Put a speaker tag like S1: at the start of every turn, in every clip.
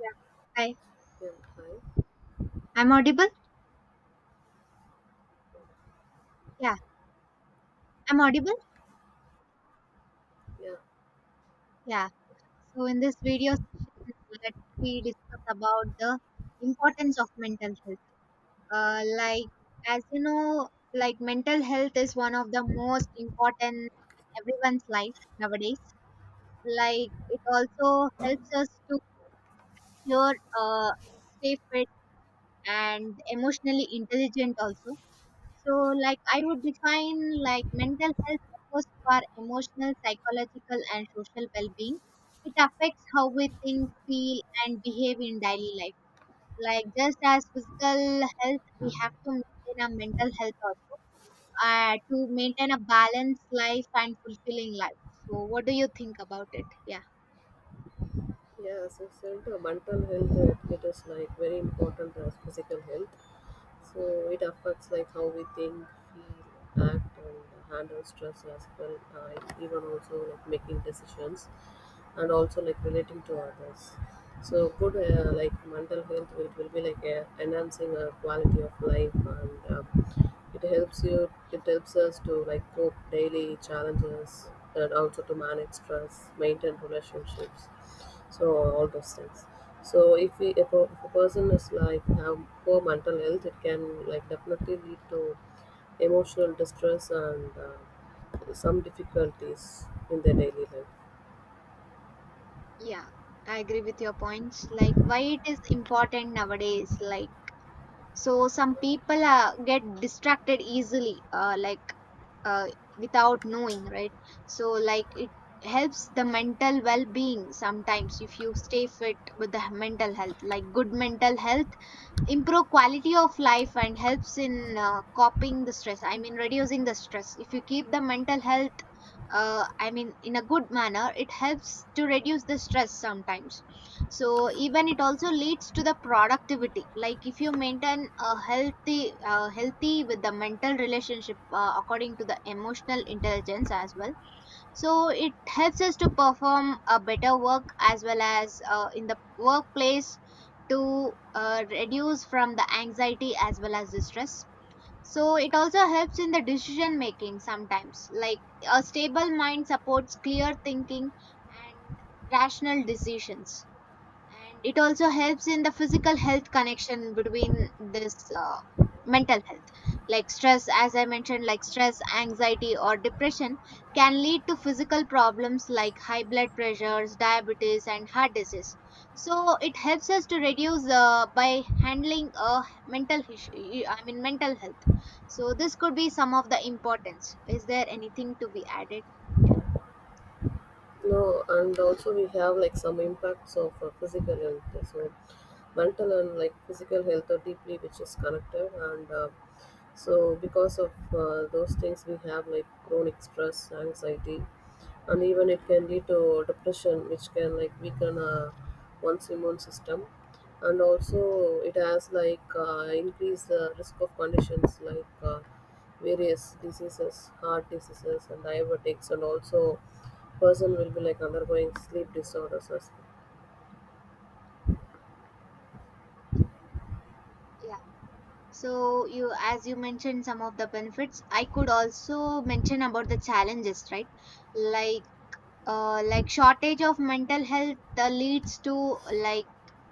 S1: Yeah. Hi.
S2: Yeah, hi.
S1: I'm audible? Yeah. I'm audible?
S2: Yeah,
S1: Yeah. So in this video session, let me discuss about the importance of mental health. Uh, like, as you know, like mental health is one of the most important in everyone's life nowadays. Like, it also helps us to cure, uh, stay fit and emotionally intelligent also. So, like, I would define like mental health refers to our emotional, psychological, and social well being. It affects how we think, feel, and behave in daily life. Like, just as physical health, we have to maintain our mental health also to maintain a balanced life and fulfilling life. So, what do you think about it? Yeah.
S2: yeah. So I said, mental health it is like very important as physical health. So it affects like how we think, feel, act, and handle stress as well. Even also like making decisions, and also like relating to others. So good like mental health it will be like enhancing our quality of life and It helps you. It helps us to like cope daily challenges and also to manage stress, maintain relationships, so all those things. So if a person is like have poor mental health, it can like definitely lead to emotional distress and some difficulties in their daily life.
S1: Yeah, I agree with your points. Like, why it is important nowadays? Like, so some people get distracted easily. Uh, without knowing, right, so like it helps the mental well-being sometimes. If you stay fit with the mental health, like good mental health improve quality of life and helps in coping the stress, I mean reducing the stress. If you keep the mental health I mean in a good manner, it helps to reduce the stress sometimes. So even it also leads to the productivity, like if you maintain a healthy healthy with the mental relationship according to the emotional intelligence as well. So it helps us to perform a better work as well as in the workplace, to reduce from the anxiety as well as the stress. So it also helps in the decision making sometimes, like a stable mind supports clear thinking and rational decisions. And it also helps in the physical health connection between this mental health. Like stress, as I mentioned, like stress, anxiety or depression can lead to physical problems like high blood pressures, diabetes and heart disease. So it helps us to reduce by handling mental issue, I mean mental health. So this could be some of the importance. Is there anything to be added?
S2: No, and also we have like some impacts of physical health. So mental and like physical health are deeply which is connected, and so because of those things we have like chronic stress, anxiety, and even it can lead to depression which can like weaken one's immune system, and also it has like increased the risk of conditions like various diseases, heart diseases and diabetics, and also person will be like undergoing sleep disorders as well.
S1: Yeah. So you, as you mentioned some of the benefits, I could also mention about the challenges, right? Like, like shortage of mental health leads to like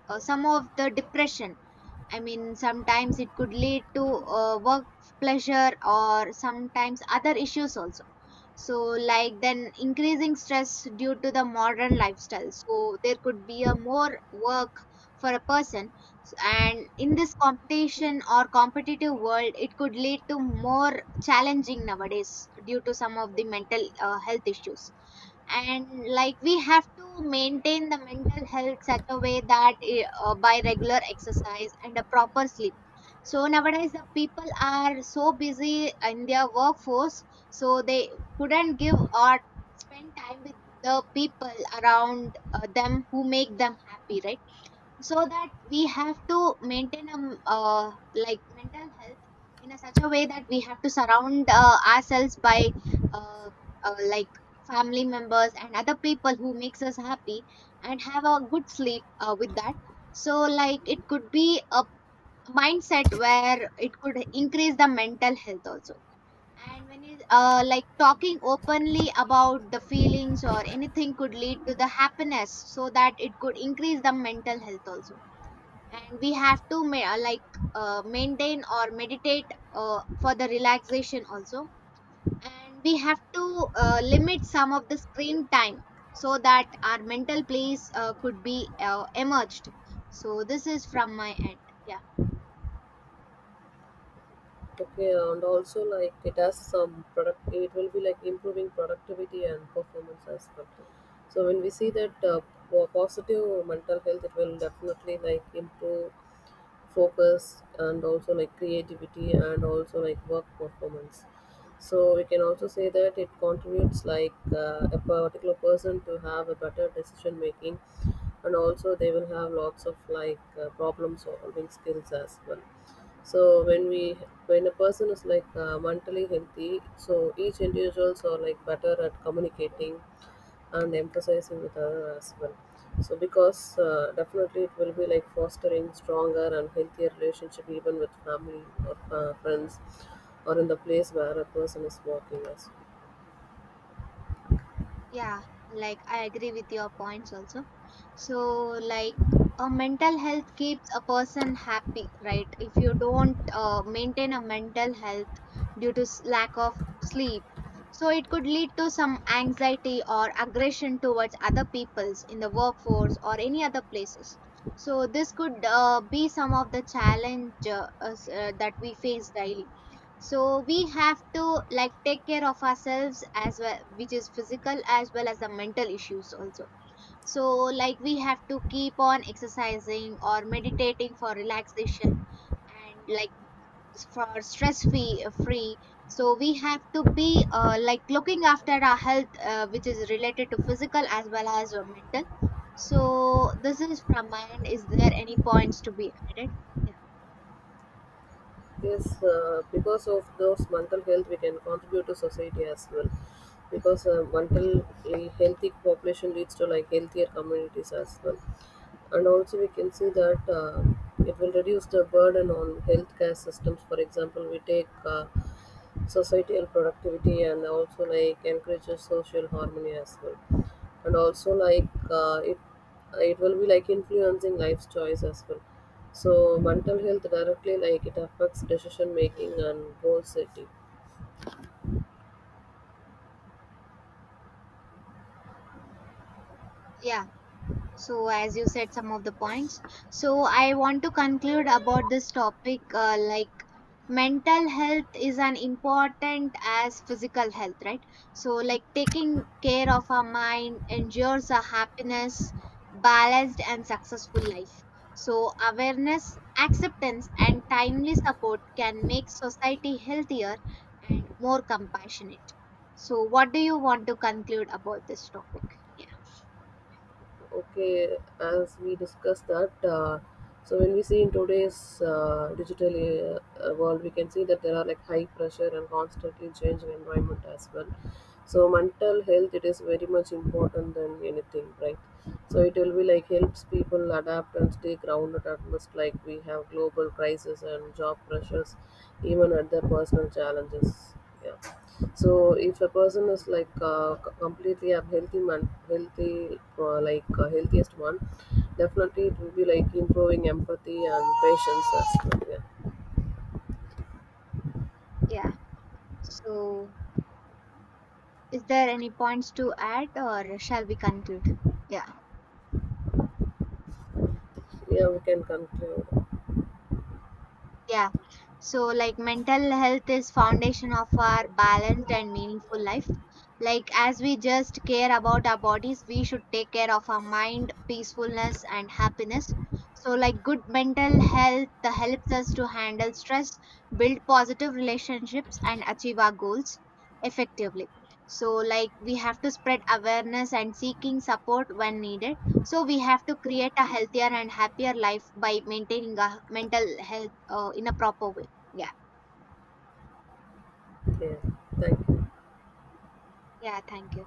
S1: some of the depression. I mean, sometimes it could lead to work pressure or sometimes other issues also. So, like, then increasing stress due to the modern lifestyle. So, there could be a more work for a person. And in this competition or competitive world, it could lead to more challenging nowadays due to some of the mental health issues. And like we have to maintain the mental health such a way that by regular exercise and a proper sleep. So nowadays the people are so busy in their workforce, so they couldn't give or spend time with the people around them who make them happy, right? So that we have to maintain like mental health in a such a way that we have to surround ourselves by uh, like family members and other people who makes us happy, and have a good sleep with that. So like it could be a mindset where it could increase the mental health also. And when you like talking openly about the feelings or anything could lead to the happiness, so that it could increase the mental health also. And we have to like maintain or meditate for the relaxation also. And we have to limit some of the screen time so that our mental place could be emerged. So this is from my end. Yeah.
S2: Okay, and also like it has some product it will be like improving productivity and performance as well. So when we see that positive mental health, it will definitely like improve focus and also like creativity and also like work performance. So we can also say that it contributes like a particular person to have a better decision making, and also they will have lots of like problem solving skills as well. So when a person is like mentally healthy, so each individuals are like better at communicating and emphasizing with others as well. So because definitely it will be like fostering stronger and healthier relationship even with family or friends, or in the place where a person is working as well.
S1: Yeah, like I agree with your points also. So, like, a mental health keeps a person happy, right? If you don't maintain a mental health due to lack of sleep, so it could lead to some anxiety or aggression towards other peoples in the workforce or any other places. So, this could be some of the challenge that we face daily. So we have to like take care of ourselves as well, which is physical as well as the mental issues also. So like we have to keep on exercising or meditating for relaxation, and like for stress free. So we have to be like looking after our health which is related to physical as well as mental. So this is from my end. Is there any points to be added? Yeah.
S2: Yes, because of those mental health, we can contribute to society as well. Because
S1: Yeah.
S2: mentally healthy population leads to like healthier communities as well, and also we can see that it will reduce the burden on healthcare systems. For example, we take societal productivity and also like encourages social harmony as well, and also like it will be like influencing life's choice as well. So mental health directly like it affects decision making and goal setting.
S1: Yeah, so as you said some of the points, so I want to conclude about this topic. Uh, like mental health is an important as physical health, right? So like taking care of our mind ensures a happiness, balanced and successful life. So awareness, acceptance and timely support can make society healthier and more compassionate. So what do you want to conclude about this topic? Yeah.
S2: Okay, as we discussed that so when we see in today's digital world, we can see that there are like high pressure and constantly changing environment as well. So mental health it is very much important than anything, right? So it will be like helps people adapt and stay grounded at most, like we have global crisis and job pressures, even at their personal challenges. Yeah. So if a person is like healthy healthiest one, definitely it will be like improving empathy and patience as well. Yeah,
S1: Yeah, so is there any points to add or shall we conclude? Yeah.
S2: yeah, we can conclude.
S1: Yeah. So like mental health is foundation of our balanced and meaningful life. Like as we just care about our bodies, we should take care of our mind, peacefulness and happiness. So like good mental health helps us to handle stress, build positive relationships and achieve our goals effectively. So like we have to spread awareness and seeking support when needed. So we have to create a healthier and happier life by maintaining our mental health in a proper way. Yeah.
S2: Yeah, thank you.
S1: Yeah, thank you.